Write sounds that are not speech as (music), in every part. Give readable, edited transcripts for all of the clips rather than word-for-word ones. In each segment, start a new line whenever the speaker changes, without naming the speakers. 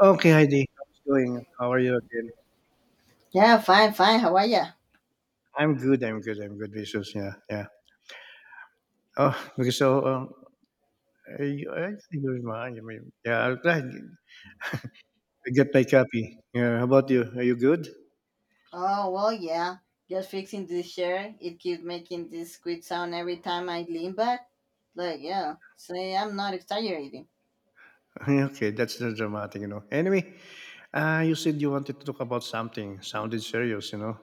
Okay, Heidi, how's it going? How are you again?
Yeah, fine, fine. How are ya?
I'm good. I'm good. I'm good. Jesus, yeah, yeah. Oh, okay. I think you're mine. I mean, yeah, I'm glad I get my copy. Yeah. How about you? Are you good?
Oh, well, yeah. Just fixing this chair. It keeps making this squeak sound every time I lean back. Like, yeah. Say, I'm not exaggerating.
(laughs) Okay, that's not dramatic, Anyway, you said you wanted to talk about something. Sounded serious,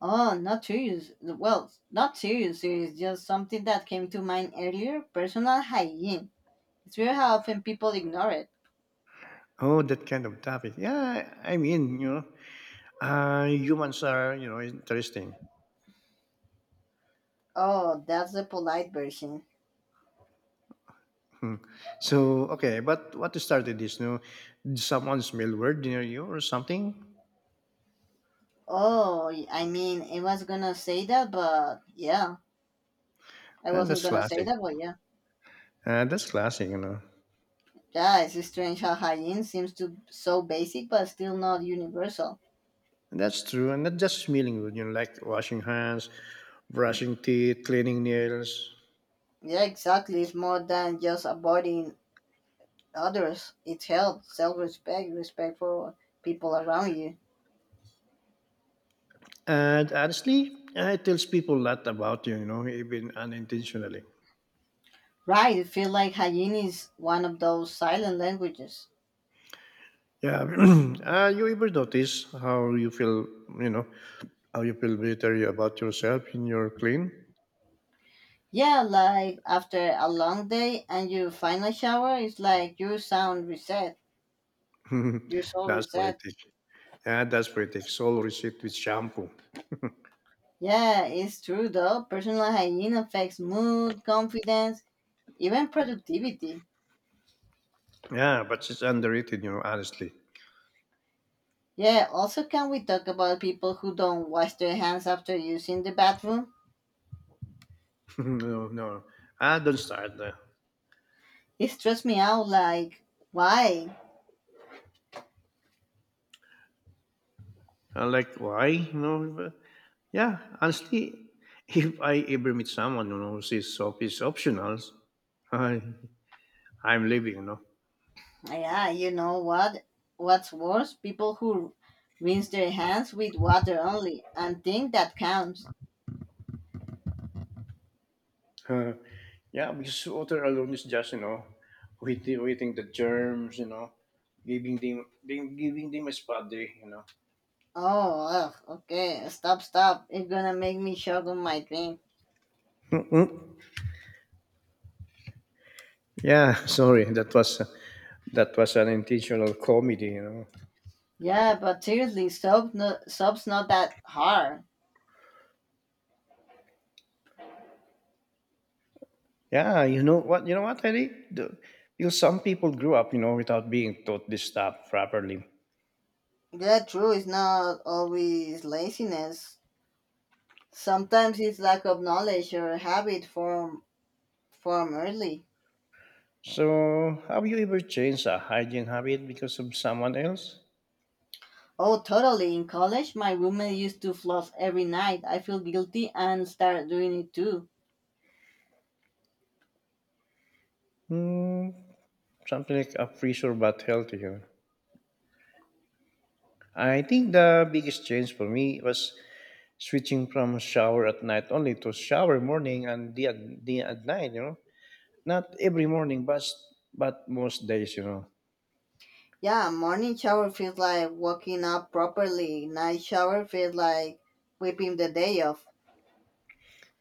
Oh, not serious. Well, not serious. It's just something that came to mind earlier. Personal hygiene. It's weird how often people ignore it.
Oh, that kind of topic. Yeah, I mean, humans are, interesting.
Oh, that's the polite version.
Hmm. So okay, but what started this? No, did someone smell weird near you or something?
Oh, I mean, I was gonna say that, but yeah. I
And
wasn't
that's
gonna say
classic.
that, but yeah.
That's classic,
Yeah, it's strange how hygiene seems to so basic but still not universal.
And that's true, and not just smelling good, like washing hands, brushing teeth, cleaning nails.
Yeah, exactly. It's more than just avoiding others. It's health, self-respect, respect for people around you.
And honestly, it tells people a lot about you, even unintentionally.
Right. It feels like hygiene is one of those silent languages.
Yeah, (clears throat) you ever notice how you feel, you know, how you feel better about yourself when you're clean?
Yeah, like after a long day and you finally shower, it's like your sound reset,
(laughs)
your soul
That's
reset.
poetic. Yeah, that's pretty. It's all received with shampoo.
Yeah, it's true though. Personal hygiene affects mood, confidence, even productivity.
Yeah, but it's underrated, honestly.
Yeah, also, can we talk about people who don't wash their hands after using the bathroom?
(laughs) No, no. I don't start there.
It stressed me out, like, why?
I am like, why? Yeah, honestly, (laughs) if I ever meet someone, who says soap is optional, (laughs) I, I'm leaving, (laughs)
Yeah, you know what? What's worse? People who rinse their hands with water only and think that counts.
Uh, yeah, because water alone is just, waiting the germs, giving them a spot day,
Oh, ugh, okay, stop, stop. It's gonna make me choke on my drink.
(laughs) Mm-mm. Yeah, sorry, that was an intentional comedy,
Yeah, but seriously, soap no, soap's not that hard.
Yeah, you know what? You know what, Eddie? Because some people grew up, without being taught this stuff properly.
Yeah, true, it's not always laziness. Sometimes it's lack of knowledge or habit form from early.
So, have you ever changed a hygiene habit because of someone else?
Oh, totally. In college, my roommate used to floss every night. I feel guilty and start doing it too.
Hmm, something like a freezer but healthier. I think the biggest change for me was switching from shower at night only to shower morning and day at night, Not every morning, but most days,
Yeah, morning shower feels like waking up properly. Night shower feels like whipping the day off.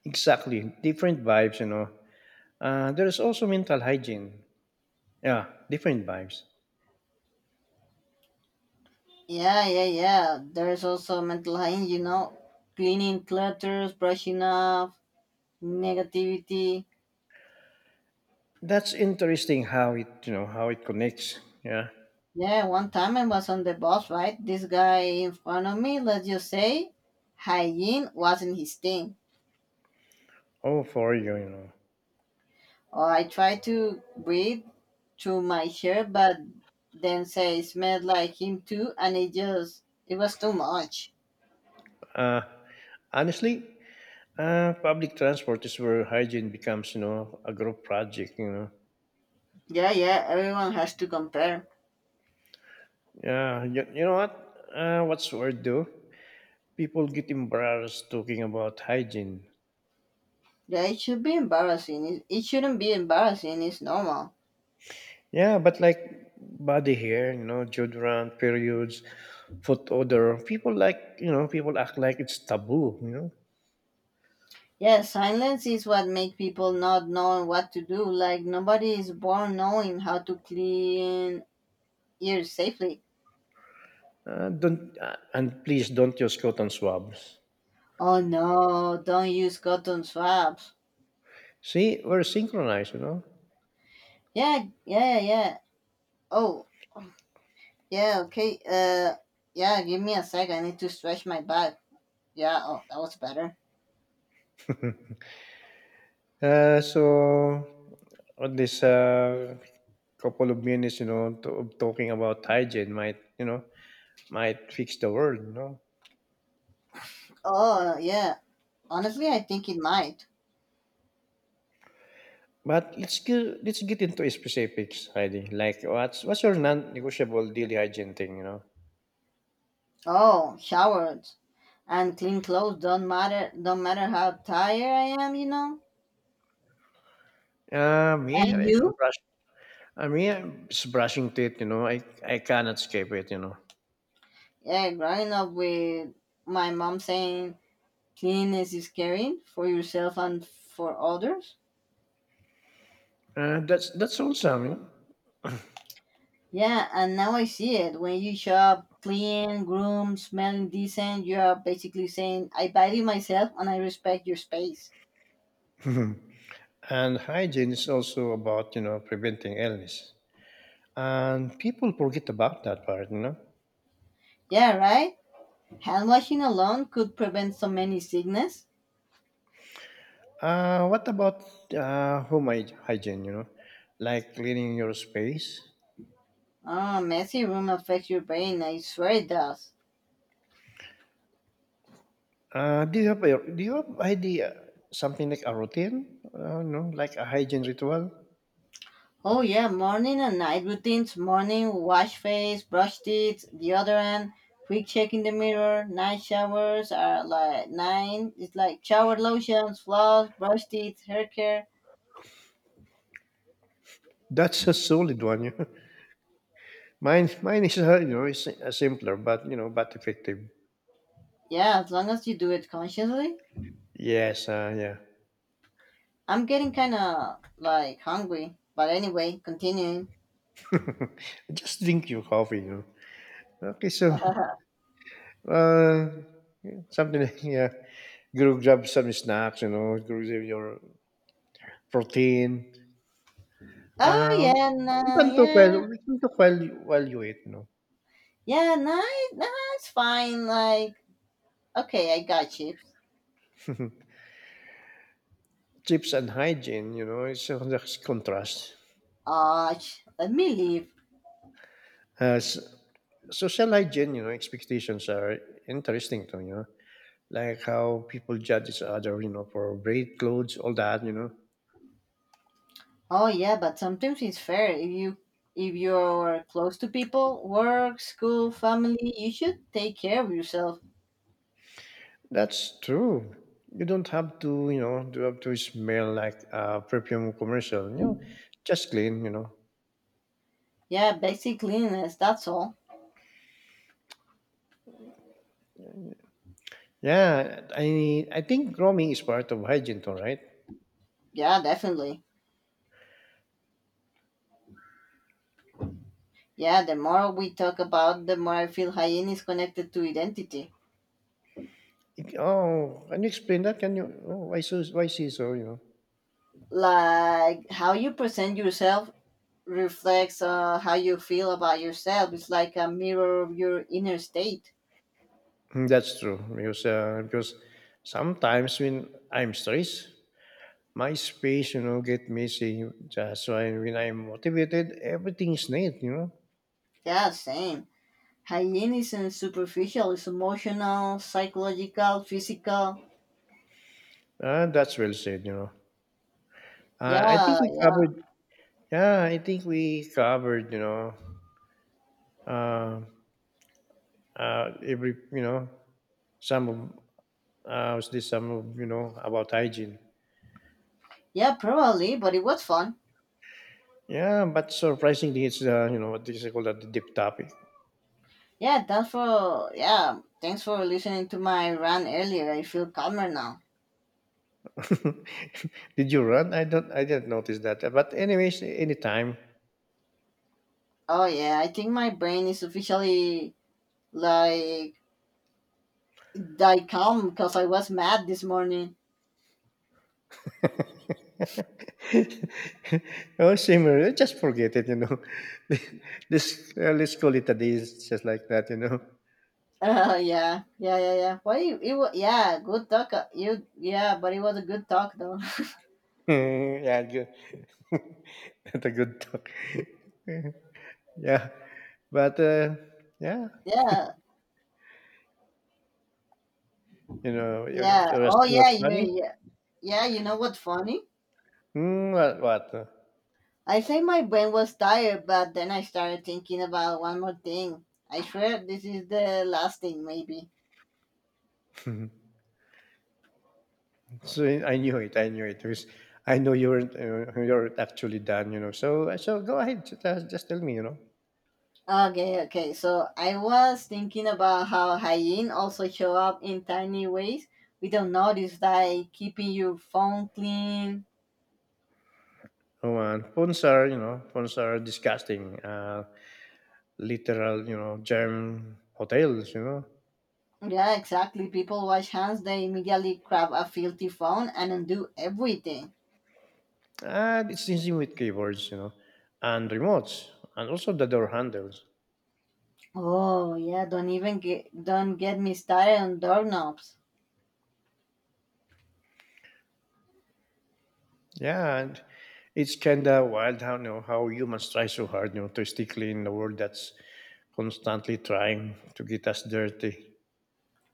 Exactly. Different vibes, There is also mental hygiene. Yeah, different vibes.
Yeah, yeah, yeah. There's also mental hygiene, cleaning clutters, brushing off negativity.
That's interesting how it you know how it connects. Yeah.
Yeah, one time I was on the bus, right? This guy in front of me, let's just say, hygiene wasn't his thing.
Oh, for you, you know.
Oh, I try to breathe through my hair, but then say smelled like him too, and it was too much.
Uh, honestly, public transport is where hygiene becomes a group project.
Yeah, yeah, everyone has to compare.
Yeah. You know what? What's word though? People get embarrassed talking about hygiene.
Yeah, it should be embarrassing. It shouldn't be embarrassing. It's normal.
Yeah, but like body hair, deodorant, periods, foot odor. People people act like it's taboo.
Yeah, silence is what makes people not know what to do. Like nobody is born knowing how to clean ears safely.
Don't and please don't use cotton swabs.
Oh no, don't use cotton swabs.
See, we're synchronized,
Yeah, yeah, yeah. Oh, yeah, okay. Yeah, give me a sec. I need to stretch my back. Yeah, oh, that was better.
So on this Couple of minutes, of talking about hygiene might, might fix the world,
Oh, yeah. Honestly, I think it might.
But let's get into specifics, Heidi. Like, what's your non-negotiable daily hygiene thing,
Oh, showers and clean clothes don't matter how tired I am, you know? And you?
Brush. I mean, I'm just brushing teeth. I cannot escape it.
Yeah, growing up with my mom saying cleanliness is caring for yourself and for others.
That's all, Sam. You
Yeah, and now I see it. When you show up clean, groomed, smelling decent, you're basically saying, I value myself and I respect your space.
know? (laughs) And hygiene is also about, preventing illness. And people forget about that part,
Yeah, right? Hand washing alone could prevent so many sickness.
What about hygiene, like cleaning your space?
Oh, messy room affects your brain, I swear it does.
Do you have idea something like a routine, like a hygiene ritual?
Oh, yeah, morning and night routines. Morning, wash face, brush teeth, deodorant, quick check in the mirror. Night showers are like nine. It's like shower lotions, floss, brush teeth, hair care.
That's a solid one. You know? (laughs) Mine is is a simpler but but effective.
Yeah, as long as you do it consciously.
Yes, yeah.
I'm getting kind of like hungry. But anyway, continuing.
(laughs) Just drink your coffee, Okay, so
(laughs)
(laughs) uh, something like, yeah. Go grab some snacks, go grab your protein.
Oh
Uh,
yeah, nah, yeah,
you can talk while you eat,
yeah, nice, nah, it's fine. Like, okay, I got chips.
(laughs) Tips and hygiene, you know, it's a there's contrast.
Ah, let me leave.
As social hygiene, expectations are interesting to me, like how people judge each other, for braid clothes, all that,
Oh yeah, but sometimes it's fair, if you if you're close to people, work, school, family, you should take care of yourself.
That's true. You don't have to, do have to smell like a perfume commercial, just clean,
Yeah, basic cleanliness. That's all.
Yeah, I think grooming is part of hygiene, too, right?
Yeah, definitely. Yeah, the more we talk about, the more I feel hygiene is connected to identity.
It- Oh, can you explain that? Can you? Oh, why so? Why see so?
Like how you present yourself reflects how you feel about yourself. It's like a mirror of your inner state.
Mm, that's true because sometimes when I'm stressed, my space, get messy. That's why when I'm motivated, everything is neat.
Yeah, same. Hygiene isn't superficial, it's emotional, psychological, physical.
That's well said. I think
Yeah,
we
yeah.
covered. Yeah, I think we covered. You know, uh, every you know some of was this some of you know about hygiene.
Yeah, probably, but it was fun.
Yeah, but surprisingly, it's you know what is it called that? The deep topic.
Yeah, that's for. Yeah, thanks for listening to my rant earlier. I feel calmer now.
(laughs) Did you run? I didn't notice that. But anyways, anytime.
Oh, yeah, I think my brain is officially, like, I come because I was mad this morning. (laughs)
(laughs) Oh, simmer, just forget it. (laughs) This Let's call it a day. It's just like that. You know.
Yeah, yeah, yeah, yeah. Why you? It was, yeah, good talk. You yeah, but it was a good talk though.
(laughs) Yeah, good. (laughs) That's a good talk. (laughs) Yeah, but yeah,
(laughs) yeah, yeah.
you're
Oh
asking
yeah,
what's
you
funny.
yeah, yeah. You know what's funny?
Mm, what?
I say my brain was tired, but then I started thinking about one more thing. I swear this is the last thing, maybe.
What? (laughs) So I knew it. I knew it. Because I know you weren't actually done. You know. So go ahead. Just tell me. You know.
Okay, okay. So I was thinking about how hygiene also show up in tiny ways. We don't notice, like keeping your phone clean.
Oh, and phones are phones are disgusting. Literal germ hotels. You know.
Yeah, exactly. People wash hands, they immediately grab a filthy phone and undo everything.
And it's easy with keyboards. And remotes, and also the door handles.
Oh yeah, don't get me started on doorknobs.
Yeah, and it's kind of wild how you know how humans try so hard to stay clean in a world that's constantly trying to get us dirty.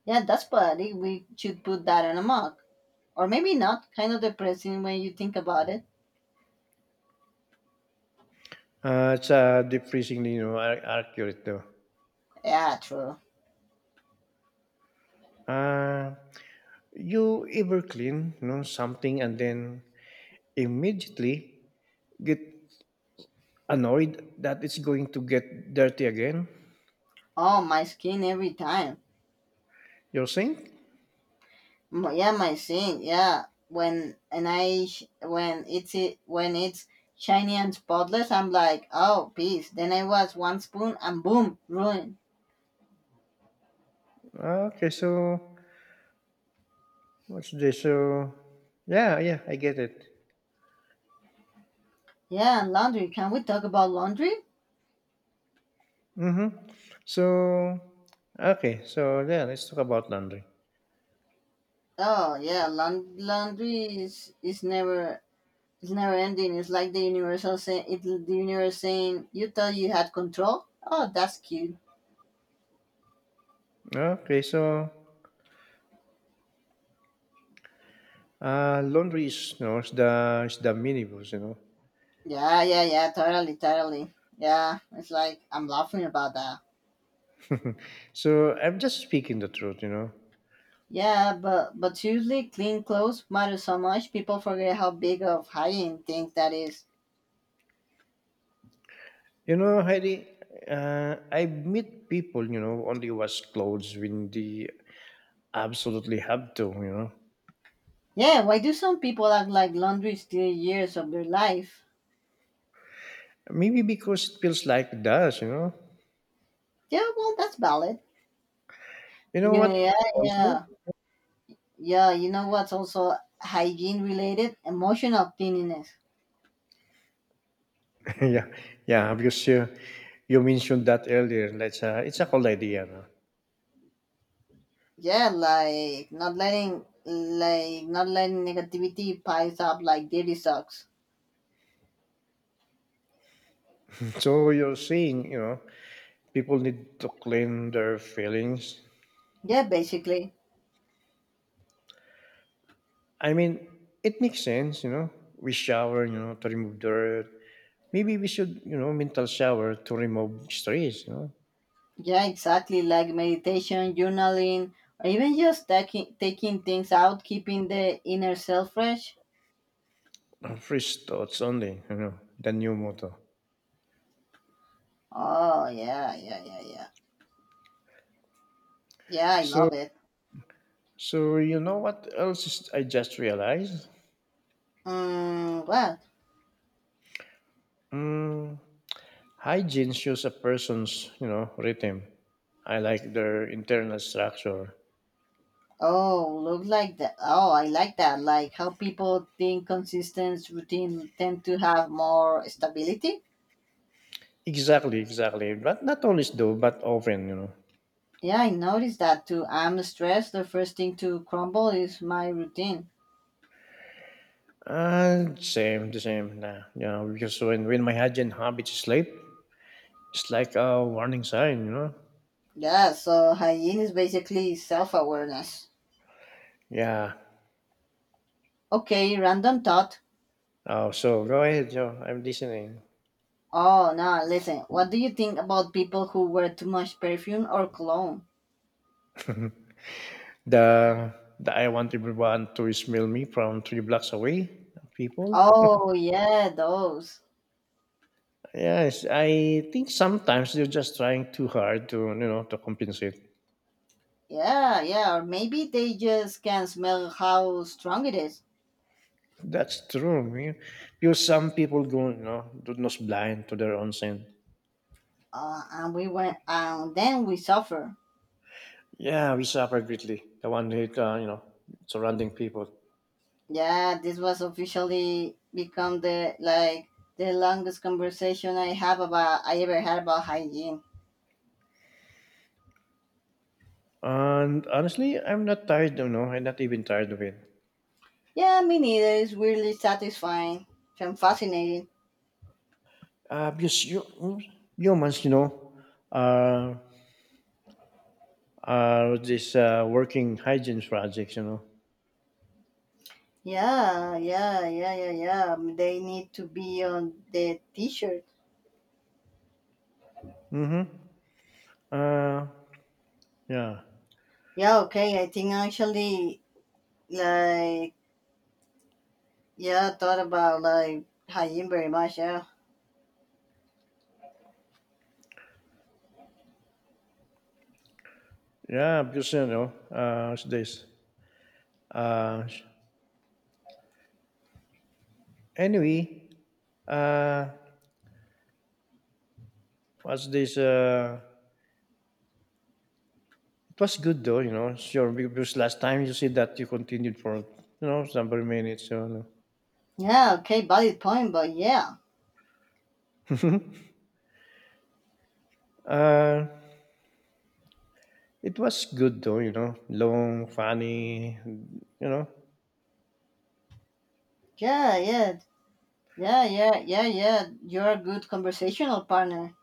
Yeah, that's party. We should put that on a mug. Or maybe not, kind of depressing when you think about it.
Ah, sa deep freezing din 'no, ac accurate though.
Yeah, true.
Ah, you ever clean, something and then immediately get annoyed that it's going to get dirty again?
Oh my skin every time.
Your sink?
Yeah, my thing. Yeah, when and I sh- when it's it when it's shiny and spotless, I'm like, oh, peace, then I was one spoon and boom ruined.
Ah, okay, so what's this? So yeah, yeah, I get it.
Yeah, and laundry, can we talk about laundry?
Mhm. So, okay, so yeah, let's talk about laundry.
Oh yeah, laundry is never, it's never ending it's like the universe saying, you thought you had control, oh, that's cute.
Okay, so, laundry is, is the minibus,
Yeah, yeah, yeah, totally. Yeah, it's like I'm laughing about that.
So I'm just speaking the truth,
Yeah, but seriously, clean clothes matter so much. People forget how big of hygiene thing that is.
You know, Heidi, I meet people, only wash clothes when they absolutely have to,
Yeah, why do some people act like laundry steals years of their life?
Maybe because it feels like it does,
Yeah, well, that's valid.
You know what?
Yeah, yeah,
Also,
yeah, yeah. You know what's also hygiene related? Emotional cleanliness.
(laughs) yeah, yeah, because you mentioned that earlier. It's a cool idea. No?
Yeah, not letting negativity piles up like dirty socks.
So you're saying, people need to clean their feelings.
Yeah, basically.
I mean, it makes sense, We shower, to remove dirt. Maybe we should, mental shower to remove stress,
Yeah, exactly. Like meditation, journaling, or even just taking things out, keeping the inner self fresh.
fresh thoughts only, the new motto.
Oh yeah, yeah, yeah, yeah. Yeah, I
So,
love it.
so you know what else is, I just realized?
Mm, what?
Mm, hygiene shows a person's, rhythm. I like their internal structure.
Oh, look like that. Oh, I like that. Like how people think consistent routine tend to have more stability.
Exactly, exactly. But not always though, but often,
Yeah, I noticed that too. I'm stressed. The first thing to crumble is my routine.
And same, the same. Nah, when my hygiene habit is late, it's like a warning sign,
Yeah, so hygiene is basically self awareness.
Yeah.
Okay, random thought.
Oh, so go ahead, Joe. I'm listening.
Oh no, listen. What do you think about people who wear too much perfume or cologne?
The, the I want everyone to smell me from three blocks away people.
Oh yeah, those.
Yes, I think sometimes they're just trying too hard to to compensate.
Yeah, yeah, or maybe they just can't smell how strong it is.
That's true, man. Because some people go do not blind to their own sin.
And we went, and then we suffer.
Yeah, we suffer greatly. The one hate surrounding people.
Yeah, this was officially become the longest conversation I ever had about hygiene.
And honestly, I'm not tired. You know, I'm not even tired of it.
Yeah, me neither. It's weirdly satisfying and fascinating.
Because you humans, are are this working hygiene projects,
Yeah, yeah, yeah, yeah, yeah. They need to be on the t-shirt.
Mm-hmm. Uh, yeah,
Yeah, okay. I think actually, like, yeah, thought about like hygiene very much. Yeah,
yeah, because you know, what's this? Uh, sh- anyway, uh, what's this? It was good though, Sure, because last time you said that you continued for several minutes, so no.
yeah, okay. Valid point, but yeah,
(laughs) uh, it was good though, long, funny,
yeah, yeah, yeah, yeah, yeah, yeah. You're a good conversational partner.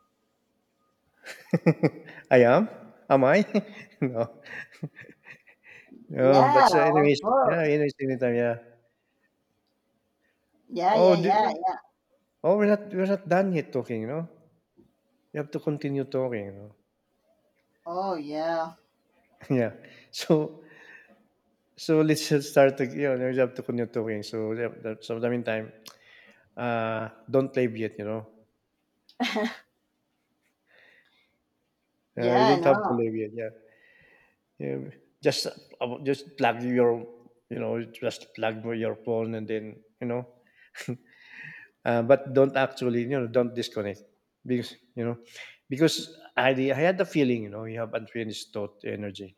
(laughs) I am. Am I? (laughs) No. No, but
Yeah,
so
of
anyways,
course.
yeah, anyways, anytime, yeah.
Yeah,
Oh,
yeah,
d
yeah, yeah.
oh, we're not done yet talking, you know? You have to continue talking, you know?
Oh, yeah.
(laughs) Yeah. So so let's just start ag you know, you have to continue talking. So, yeah, that so the meantime, don't leave yet, you know?
(laughs)
You
Yeah,
don't have to
no.
leave yet, yeah. Yeah, just about just plug your you know, just plug your phone and then, you know? (laughs) But don't actually, don't disconnect because, because I had the feeling, you have unfinished thought energy,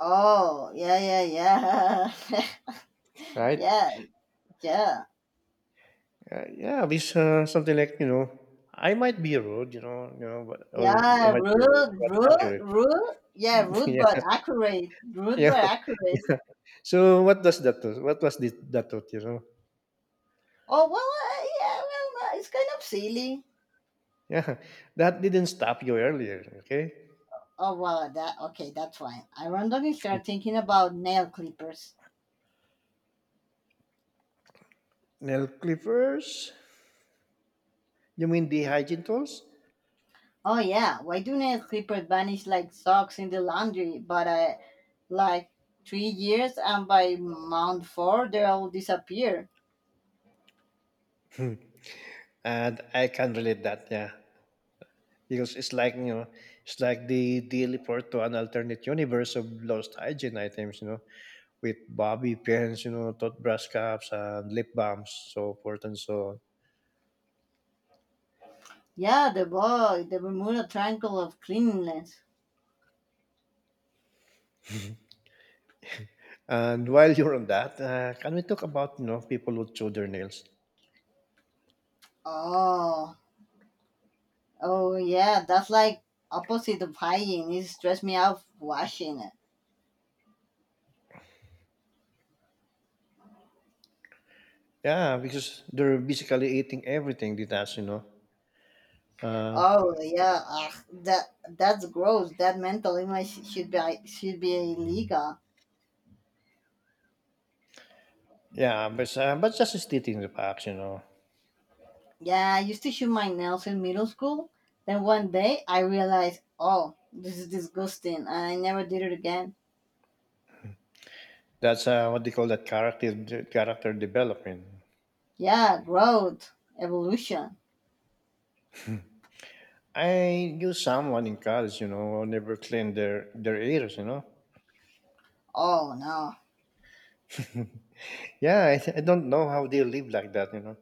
Oh, yeah, yeah, yeah. (laughs)
right?
yeah, yeah.
Yeah, at least something like I might be a road, or you
Yeah,
might be a road,
rude,
but
rude,
accurate.
rude. Yeah,
(laughs)
rude
yeah,
but accurate. Rude
yeah,
but
(laughs)
accurate.
yeah. So what does that What was this, that do?
Oh well, yeah, well, it's kind of silly.
Yeah, that didn't stop you earlier, okay?
Oh well, that okay, that's why I randomly start thinking about nail clippers.
Nail clippers? You mean the hygiene tools?
Oh yeah, why do nail clippers vanish like socks in the laundry? But like 3 years, and by month four, they all disappear.
Hmm. And I can relate that, yeah, because it's like it's like the daily port to an alternate universe of lost hygiene items, with Bobby pins, tote brush caps and lip balms, so forth and so on.
Yeah, the boy, the Bermuda Triangle of cleanliness.
And while you're on that, can we talk about, you know, people who chew their nails?
Oh. Oh yeah, that's like opposite of hygiene. It stress me out washing it.
Yeah, because they're basically eating everything they touch, you know. Uh,
Oh yeah, ugh, that's gross. That mental image should be illegal.
yeah, but just stating the facts, you know.
Yeah, I used to shoot my nails in middle school. Then one day I realized, oh, this is disgusting, and I never did it again.
That's what they call that character development.
Yeah, growth, evolution.
I knew someone in college, you know, who never cleaned their ears, you know.
Oh no.
Yeah, I don't know how they live like that, you know.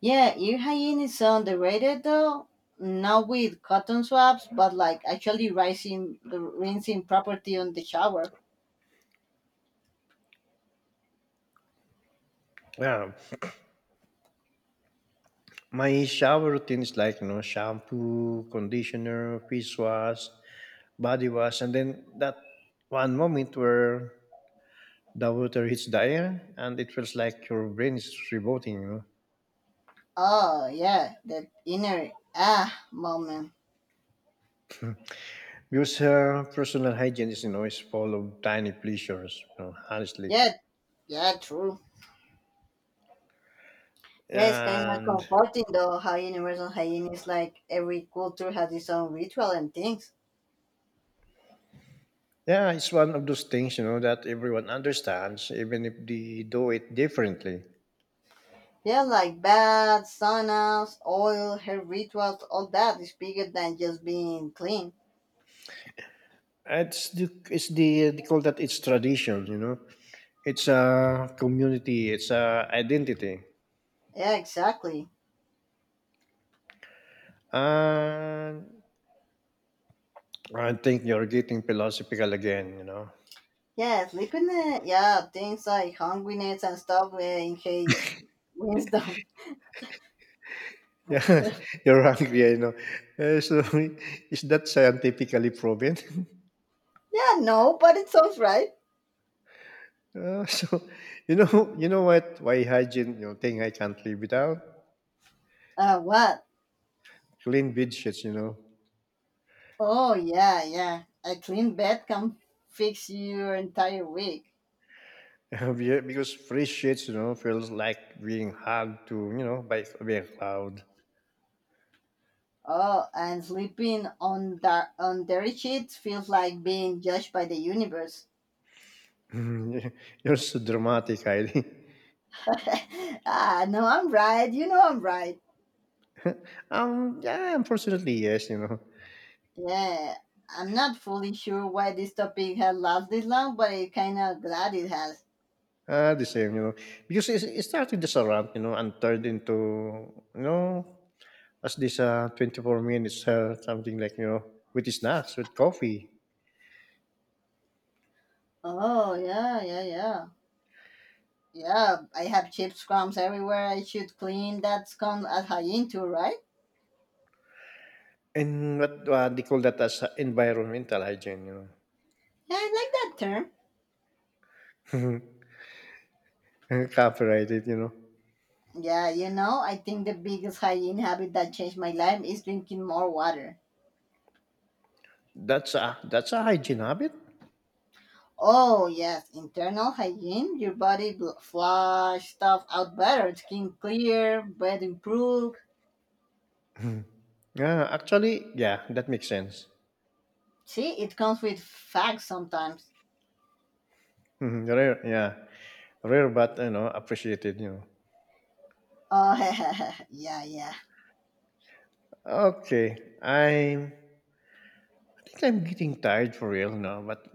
Yeah, ear hygiene is underrated though. Not with cotton swabs, but like actually rinsing property on the shower.
Yeah. My shower routine is like, you know, shampoo, conditioner, face wash, body wash, and then that one moment where the water hits the air and it feels like your brain is rebooting, you know.
Oh yeah, that inner ah moment.
Because personal hygiene is, you know, is full of tiny pleasures, you know, honestly.
Yeah, yeah, true. Yeah, it's kind of
And
comforting though how universal hygiene is, like every culture has its own ritual and things.
yeah, it's one of those things, you know, that everyone understands, even if they do it differently.
Yeah, like baths, saunas, oil, hair rituals, all that is bigger than just being clean.
They call that it's tradition, you know. It's a community, it's a identity.
Yeah, exactly.
And I think you're getting philosophical again, you know. (laughs)
Yes, sleeping. It. Yeah, things like hungriness and stuff in his wisdom. (laughs)
Yeah, you're hungry, I know. Uh, so (laughs) is that scientifically proven? (laughs)
Yeah, no, but it sounds right.
Uh, so you know what? Why hygiene? You know, thing I can't live without
What?
clean bed sheets. You know.
Oh, yeah, yeah. A clean bed can fix your entire week.
(laughs) Yeah, because fresh sheets, you know, feels like being hugged to, you know, by a cloud.
Oh, and sleeping on dirty sheets feels like being judged by the universe.
(laughs) You're so dramatic, Heidi.
(laughs) ah, no, I'm right. You know I'm right.
Yeah, unfortunately, yes, you know.
Yeah, I'm not fully sure why this topic has lasted this long, but I'm kind of glad it has.
The same, you know. Because it started as a rant, you know, and turned into, you know, as this 24 minutes, something like, you know, with snacks, with coffee.
Oh yeah, yeah, yeah, yeah. I have chips crumbs everywhere. I should clean. That's called as hygiene too, right?
And what they call that as environmental hygiene,
Yeah, I like that term.
you know. (laughs) Copyrighted, you know.
Yeah, you know, I think the biggest hygiene habit that changed my life is drinking more water.
That's a hygiene habit.
Oh yes, internal hygiene. Your body flush stuff out better. Skin clear, breath improve.
Yeah, actually, yeah, that makes sense.
See, it comes with facts sometimes.
Mhm. Rare, yeah. Rare, but, you know, appreciated, you know.
Oh (laughs) yeah, yeah.
Okay, I'm think I'm getting tired for real now, but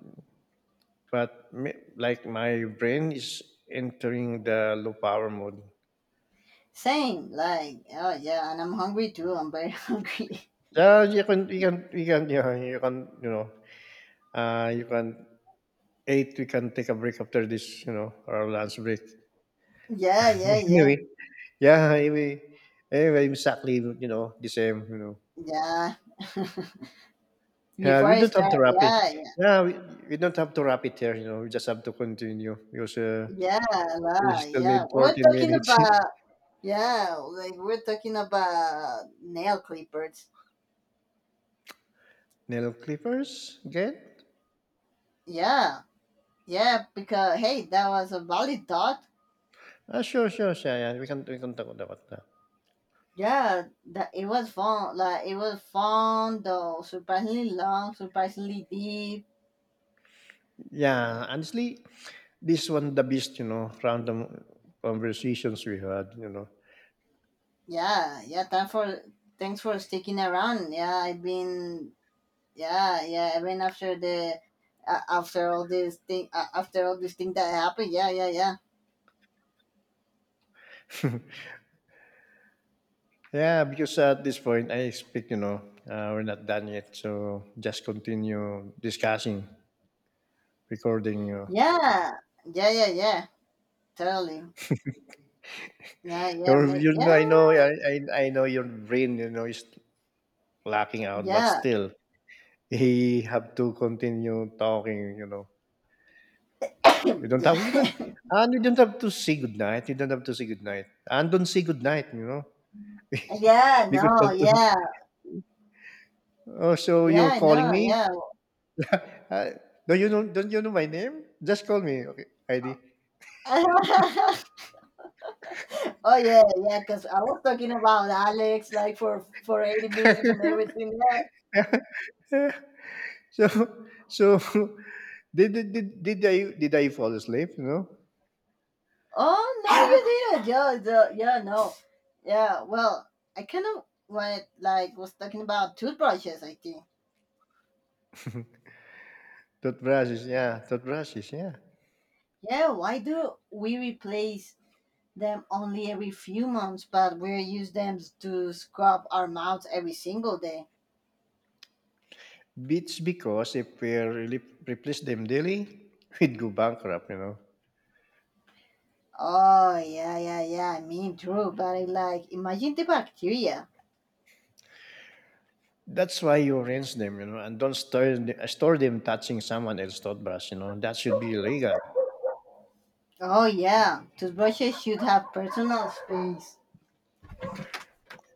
like my brain is entering the low power mode.
Same, like oh yeah, and I'm hungry too. I'm very (laughs) hungry.
Yeah, you can you can you can yeah you know you can eight we can take a break after this, you know, our lunch break.
Yeah, yeah,
(laughs)
yeah,
Anyway, yeah anyway anyway exactly, you know, the same, you know.
yeah.
Yeah,
Before
we
I
don't have to
start,
wrap it.
yeah, yeah,
Yeah, we, we don't have to wrap it here. You know, we just have to continue because
yeah,
we
la,
still need
yeah. We're
fourteen
talking
minutes. (laughs)
about, yeah, like we're talking about nail clippers.
Nail clippers, get.
Yeah, yeah, because hey, that was a valid thought.
Ah, sure, yeah, we can talk about that.
Yeah, that it was fun. Like it was fun though, surprisingly long, surprisingly deep.
Yeah, honestly, this one the best, you know, random conversations we had, you know.
Yeah, yeah. Time for Thanks for sticking around. Yeah, I've been, yeah, yeah. Even after the after all this thing, that happened, yeah, yeah, yeah,
Yeah, because at this point I expect, you know, we're not done yet, so just continue discussing, recording. You know,
yeah, yeah, yeah, yeah. Totally. Yeah, yeah,
your,
maybe,
you know,
yeah,
I know your brain, you know, is lacking out, but
yeah.
still, he have to continue talking, you know. You
(clears throat)
don't have
Yeah.
you don't you don't have to say goodnight. You don't have to say goodnight. And don't say goodnight, you know.
(laughs)
(laughs)
Yeah,
Because you
no,
have to,
yeah.
oh so
Yeah,
you're
I
calling
know,
me?
yeah.
Uh, do you know, don't you know my name? Just call me. Okay. ID.
(laughs) Oh, yeah. Yeah, because I was talking about Alex, like, for 80 minutes and everything, yeah.
Eh, So so (laughs) did I fall asleep, you know?
Oh no, you didn't. Yeah, yeah, (laughs) no, yeah. Well, I kind of when like was talking about toothbrushes, I think.
Toothbrushes, yeah, toothbrushes, yeah.
Yeah, why do we replace them only every few months, but we use them to scrub our mouths every single day?
It's because if we really replace them daily, (laughs) we'd go bankrupt, you know.
Oh yeah, yeah, yeah. I mean, true, but I like imagine the bacteria.
That's why you rinse them, you know, and don't store them touching someone else's toothbrush, you know. That should be illegal.
Oh yeah, toothbrushes should have personal space.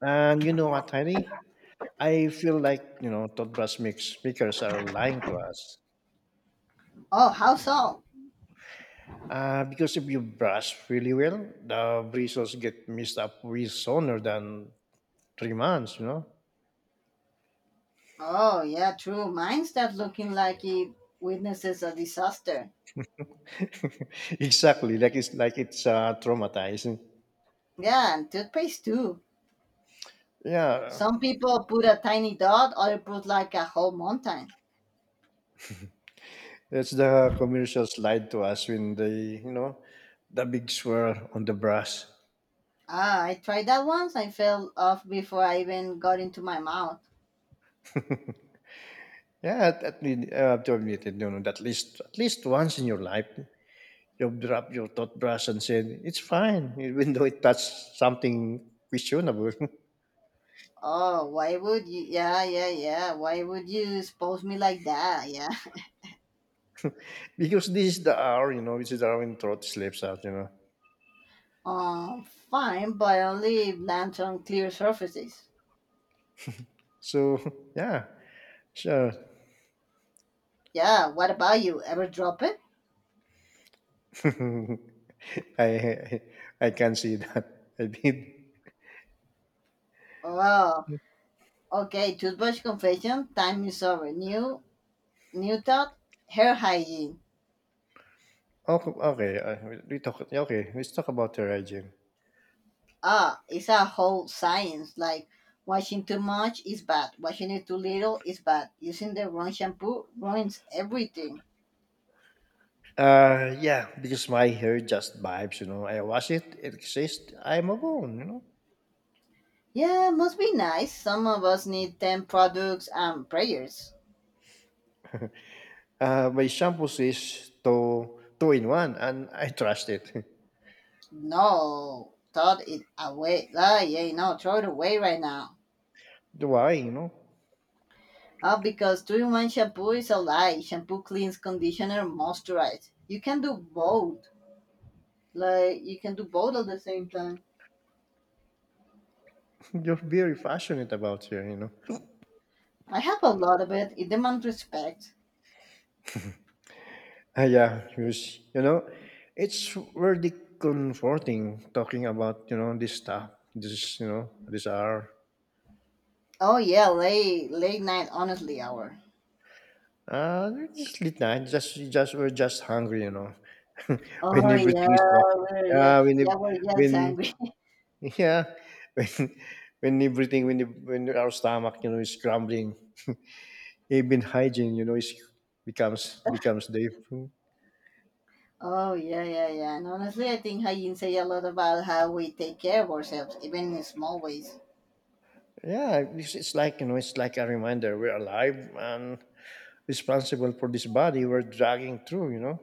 And you know what, Heidi? I feel like, you know, toothbrush mix makers are lying to us.
Oh, how so?
Because if you brush really well, the bristles get mixed up with sooner than 3 months, you know.
Oh, yeah, true. Mine starts looking like it witnesses a disaster.
(laughs) Exactly, like it's traumatizing.
Yeah, and toothpaste too.
Yeah,
Some people put a tiny dot, other put like a whole mountain.
that's the commercials lied to us when they, you know, the big swirl on the brush.
Ah, I tried that once. I fell off before I even got into my mouth.
Yeah, least- I have to admit it, you know, that at least once in your life, you've dropped your toothbrush and said it's fine, (laughs) even though it touched something questionable.
Oh, why would you? Yeah, yeah, yeah. Why would you expose me like that? Yeah. (laughs)
(laughs) Because this is the hour, you know, this is the hour when throat slips out, you know.
Um, Fine, but only if lands on clear surfaces.
So (laughs) yeah, sure.
Yeah, what about you? Ever drop it?
(laughs) I, I I can see that. (laughs) I did.
Oh, okay, toothbrush confession time is over. New thought, hair hygiene.
Okay, okay. We talk. Yeah, okay, let's talk about hair hygiene.
Ah, it's a whole science. Like washing too much is bad, washing it too little is bad, using the wrong shampoo ruins everything.
Yeah, because my hair just vibes, you know. I wash it, it exists. I'm a bone, you know.
Yeah, must be nice. Some of us need 10 products and prayers.
My shampoos is two, two in one, and I trust it. (laughs)
No, throw it away. Ah, yeah, no, throw it away right now.
Why, you know?
Ah, because 2 in one shampoo is a lie. Shampoo cleans, conditioner, moisturize. You can do both. Like, you can do both at the same time.
(laughs) You're very passionate about her, you know? (laughs)
I have a lot of it in demand respect.
Ah, yeah, because, you know, it's really comforting talking about, you know, this stuff, this, you know, this hour.
Oh yeah, late night honestly hour.
It's late night, we're just hungry, you know, (laughs) when
Oh yeah,
everything is quiet.
we're yeah
Yeah, when, ev-
yeah we're just
when,
hungry. (laughs)
yeah, (laughs) when, when everything, when our stomach, you know, is crumbling. Even hygiene, you know, is becomes the.
Oh, yeah, yeah, yeah. And honestly, I think hygiene say a lot about how we take care of ourselves, even in small ways.
Yeah, it's like, you know, it's like a reminder we're alive and responsible for this body we're dragging through, you know,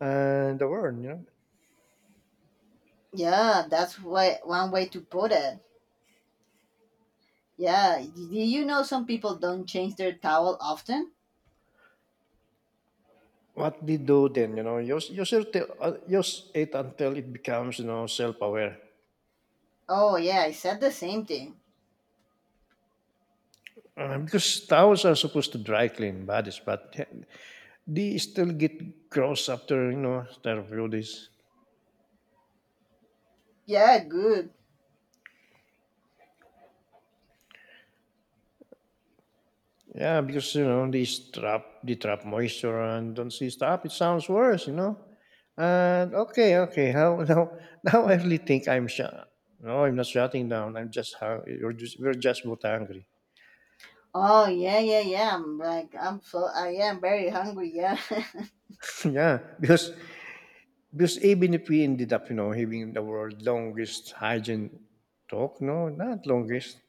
and the world, you know.
Yeah, that's why, one way to put it. Yeah, do you know some people don't change their towel often?
What they do then, you know, you use it just it until it becomes, you know, self-aware.
Oh yeah, I said the same thing.
Because towels are supposed to dry clean bodies but they still get gross after you know, after a few days.
Yeah, good.
Yeah, because, you know, they trap moisture and don't see stop. It sounds worse, you know. And okay, okay. How (laughs) now? Now I really think I'm shut. No, I'm not shutting down. I'm just hungry. We're just both hungry.
Oh yeah, yeah, yeah. I'm like I'm so I am very hungry. Yeah. (laughs)
(laughs) Yeah, because even if we ended up, you know, having the world longest hygiene talk, no, not longest.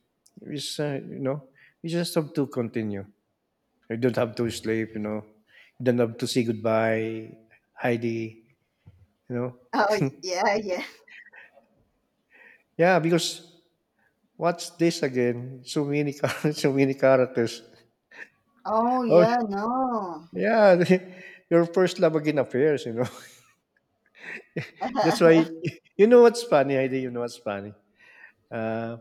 It's you know, we just have to continue. You don't have to sleep, you know. You don't have to say goodbye, Heidi. You know.
Oh, yeah, yeah.
Yeah, because what's this again? So many (laughs) so many characters.
Oh,
Oh
yeah, no.
yeah, (laughs) your first love again affairs, you know. (laughs) That's why
(laughs)
(laughs) you know what's funny, Heidi, you know what's funny. Uh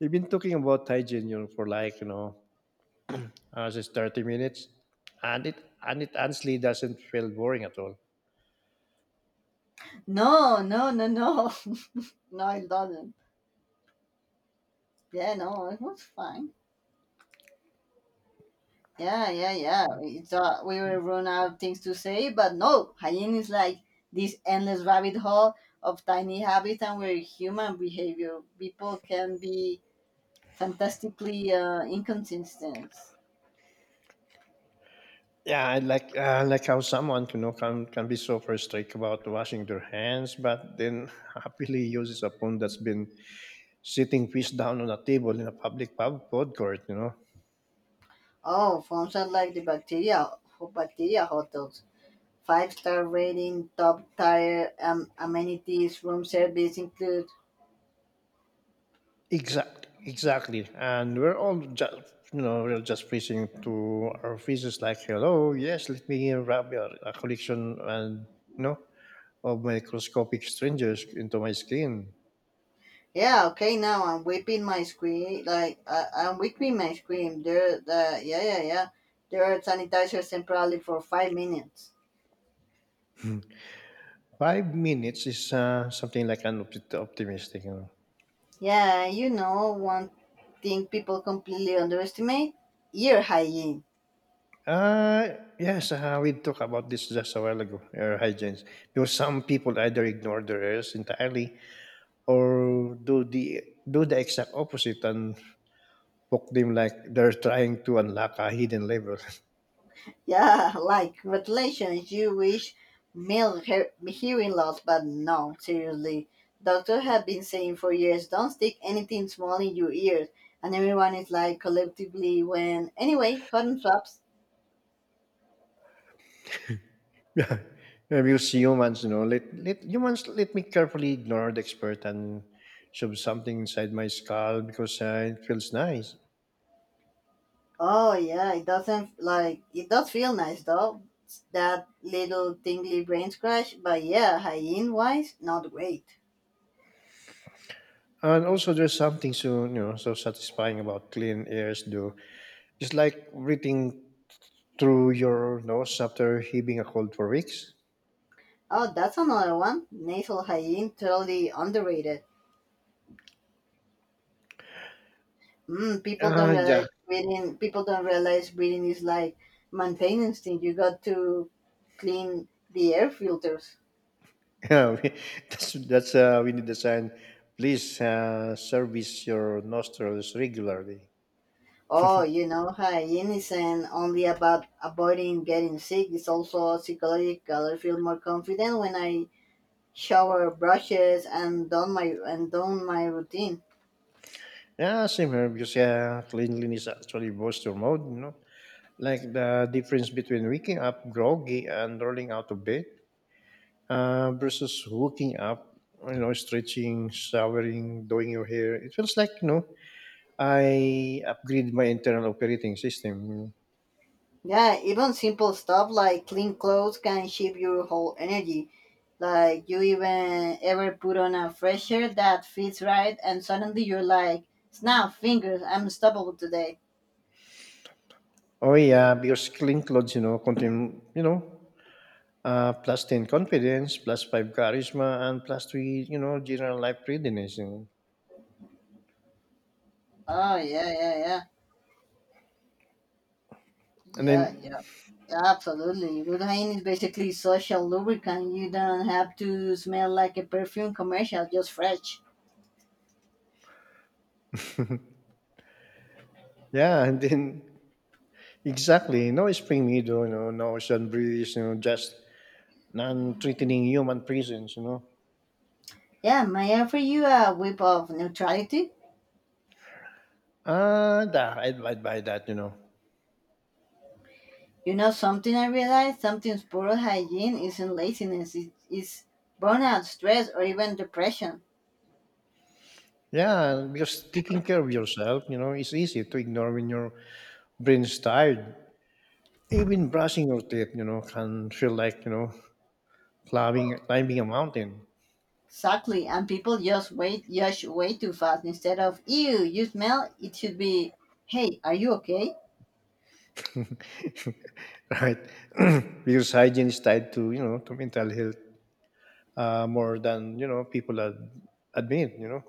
we've been talking about hygiene, you know, for like, you know, just 30 minutes. And it honestly doesn't feel boring at all.
No, no, no, no. (laughs) No, it doesn't. Yeah, no, it was fine. Yeah, yeah, yeah. We thought we will run out of things to say, but no, hygiene is like this endless rabbit hole of tiny habits and where human behavior. People can be fantastically inconsistent.
Yeah, I like how someone, you know, can be so frustrated about washing their hands, but then (laughs) happily uses a phone that's been sitting fish down on a table in a public pub food court, you know.
Oh, phones are like the bacteria hot dogs. Five-star rating, top tier amenities, room service include.
Exactly, exactly. And we're all just, you know, we're just preaching to our fishes like, hello, yes, let me rub your a collection and, you know, of microscopic strangers into my skin.
Yeah, okay. Now I'm whipping my screen. Like, I'm whipping my screen. There, the yeah, yeah, yeah. There are sanitizers temporarily for 5 minutes.
Hmm. Five minutes is something like an optimistic, you know.
Yeah, you know one thing people completely underestimate: ear hygiene.
Yes, we talked about this just a while ago, air hygiene, because some people either ignore the rules entirely or do the exact opposite and poke them like they're trying to unlock a hidden level.
Yeah, (laughs) like congratulations, you wish male hearing loss, but no, seriously. Doctors have been saying for years, don't stick anything small in your ears. And everyone is like collectively when anyway, cotton swabs.
(laughs) Yeah. Abuse humans, you know, let me carefully ignore the expert and shove something inside my skull because it feels nice.
Oh yeah, it doesn't, like it does feel nice though. That little tingly brain scratch, but yeah, hygiene wise, not great.
And also, there's something so, you know, so satisfying about clean airs, though. It's like breathing through your nose after heaving a cold for weeks.
Oh, that's another one. Nasal hygiene, totally underrated. Mm, people don't
Uh, yeah,
realize breathing. People don't realize breathing is like maintenance thing. You got to clean the air filters.
Yeah, we, (laughs) that's we need the sign. Please service your nostrils regularly.
Oh, you know, hygiene isn't only about avoiding getting sick. It's also psychological. I feel more confident when I shower, brushes, and done my routine.
Yeah, same here because yeah, cleanliness actually boosts your mood. You know, like the difference between waking up groggy and rolling out of bed versus waking up, you know, stretching, showering, doing your hair. It feels like, you know, I upgrade my internal operating system, you know.
Yeah, even simple stuff like clean clothes can shift your whole energy. Like, you even ever put on a fresh shirt that fits right, and suddenly you're like, snap fingers, I'm unstoppable today.
Oh yeah, because clean clothes, you know, contain, you know, plus 10 confidence, plus 5 charisma, and plus 3, you know, general life readiness. You know.
Oh yeah, yeah, yeah,
And
yeah,
then,
yeah. Yeah, absolutely. Good hygiene is basically social lubricant. You don't have to smell like a perfume commercial, just fresh.
yeah, (laughs) and then, exactly, no spring meadow, you know, no ocean breeze, you know, just non-threatening human presence, you know.
Yeah, may I offer you a whip of neutrality?
Ah, da, I'd buy that, you know.
You know something I realized? Sometimes poor hygiene isn't laziness, it is burnout, stress, or even depression.
Yeah, because taking care of yourself, you know, it's easy to ignore when your brain's tired. Even brushing your teeth, you know, can feel like, you know, climbing a mountain.
Exactly, and people just wait, judge way too fast instead of, ew, you smell, it should be, hey, are you okay?
(laughs) Right? (clears throat) Because hygiene is tied to, you know, to mental health, more than, you know, people admit. You know,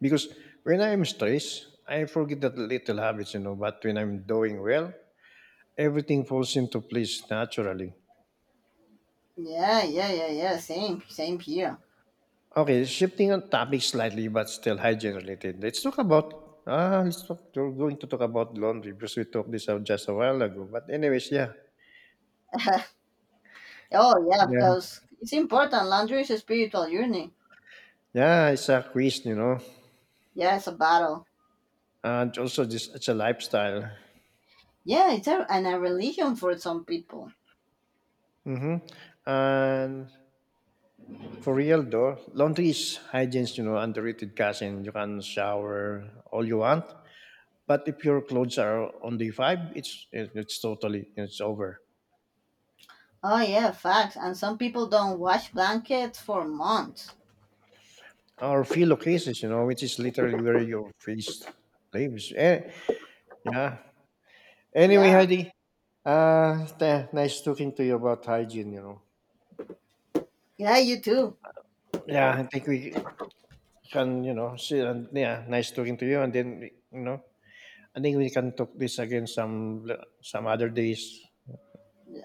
because when I'm stressed, I forget that little habits. You know, but when I'm doing well, everything falls into place naturally.
Yeah, yeah, yeah, yeah, same, same here.
Okay, shifting on topic slightly, but still hygiene related. Let's talk about ah, let's talk. We're going to talk about laundry because we talked this out just a while ago. But anyways,
(laughs) Oh, yeah,
yeah,
because it's important. Laundry is a spiritual journey.
yeah. It's a quiz, you know,
Yeah, it's a battle.
and also just it's a lifestyle.
Yeah, and a religion for some people.
Mm-hmm. And for real though, laundry is hygiene's, you know, underrated cousin. You can shower all you want, but if your clothes are on day five, it's totally it's over.
Oh, yeah, facts. And some people don't wash blankets for months.
Or philo cases, you know, which is literally where your face lives. Eh, yeah. Anyway,
Yeah.
Heidi, nice talking to you about hygiene. You know.
Yeah, you too.
Yeah, I think we can, you know, see, and yeah, nice talking to you, and then, you know, I think we can talk this again some other days.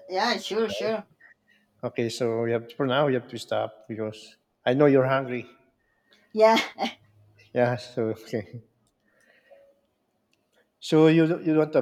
Yeah, sure, sure.
Okay, so we have for now we have to stop because I know you're hungry.
Yeah. (laughs)
Yeah. So okay. So you want to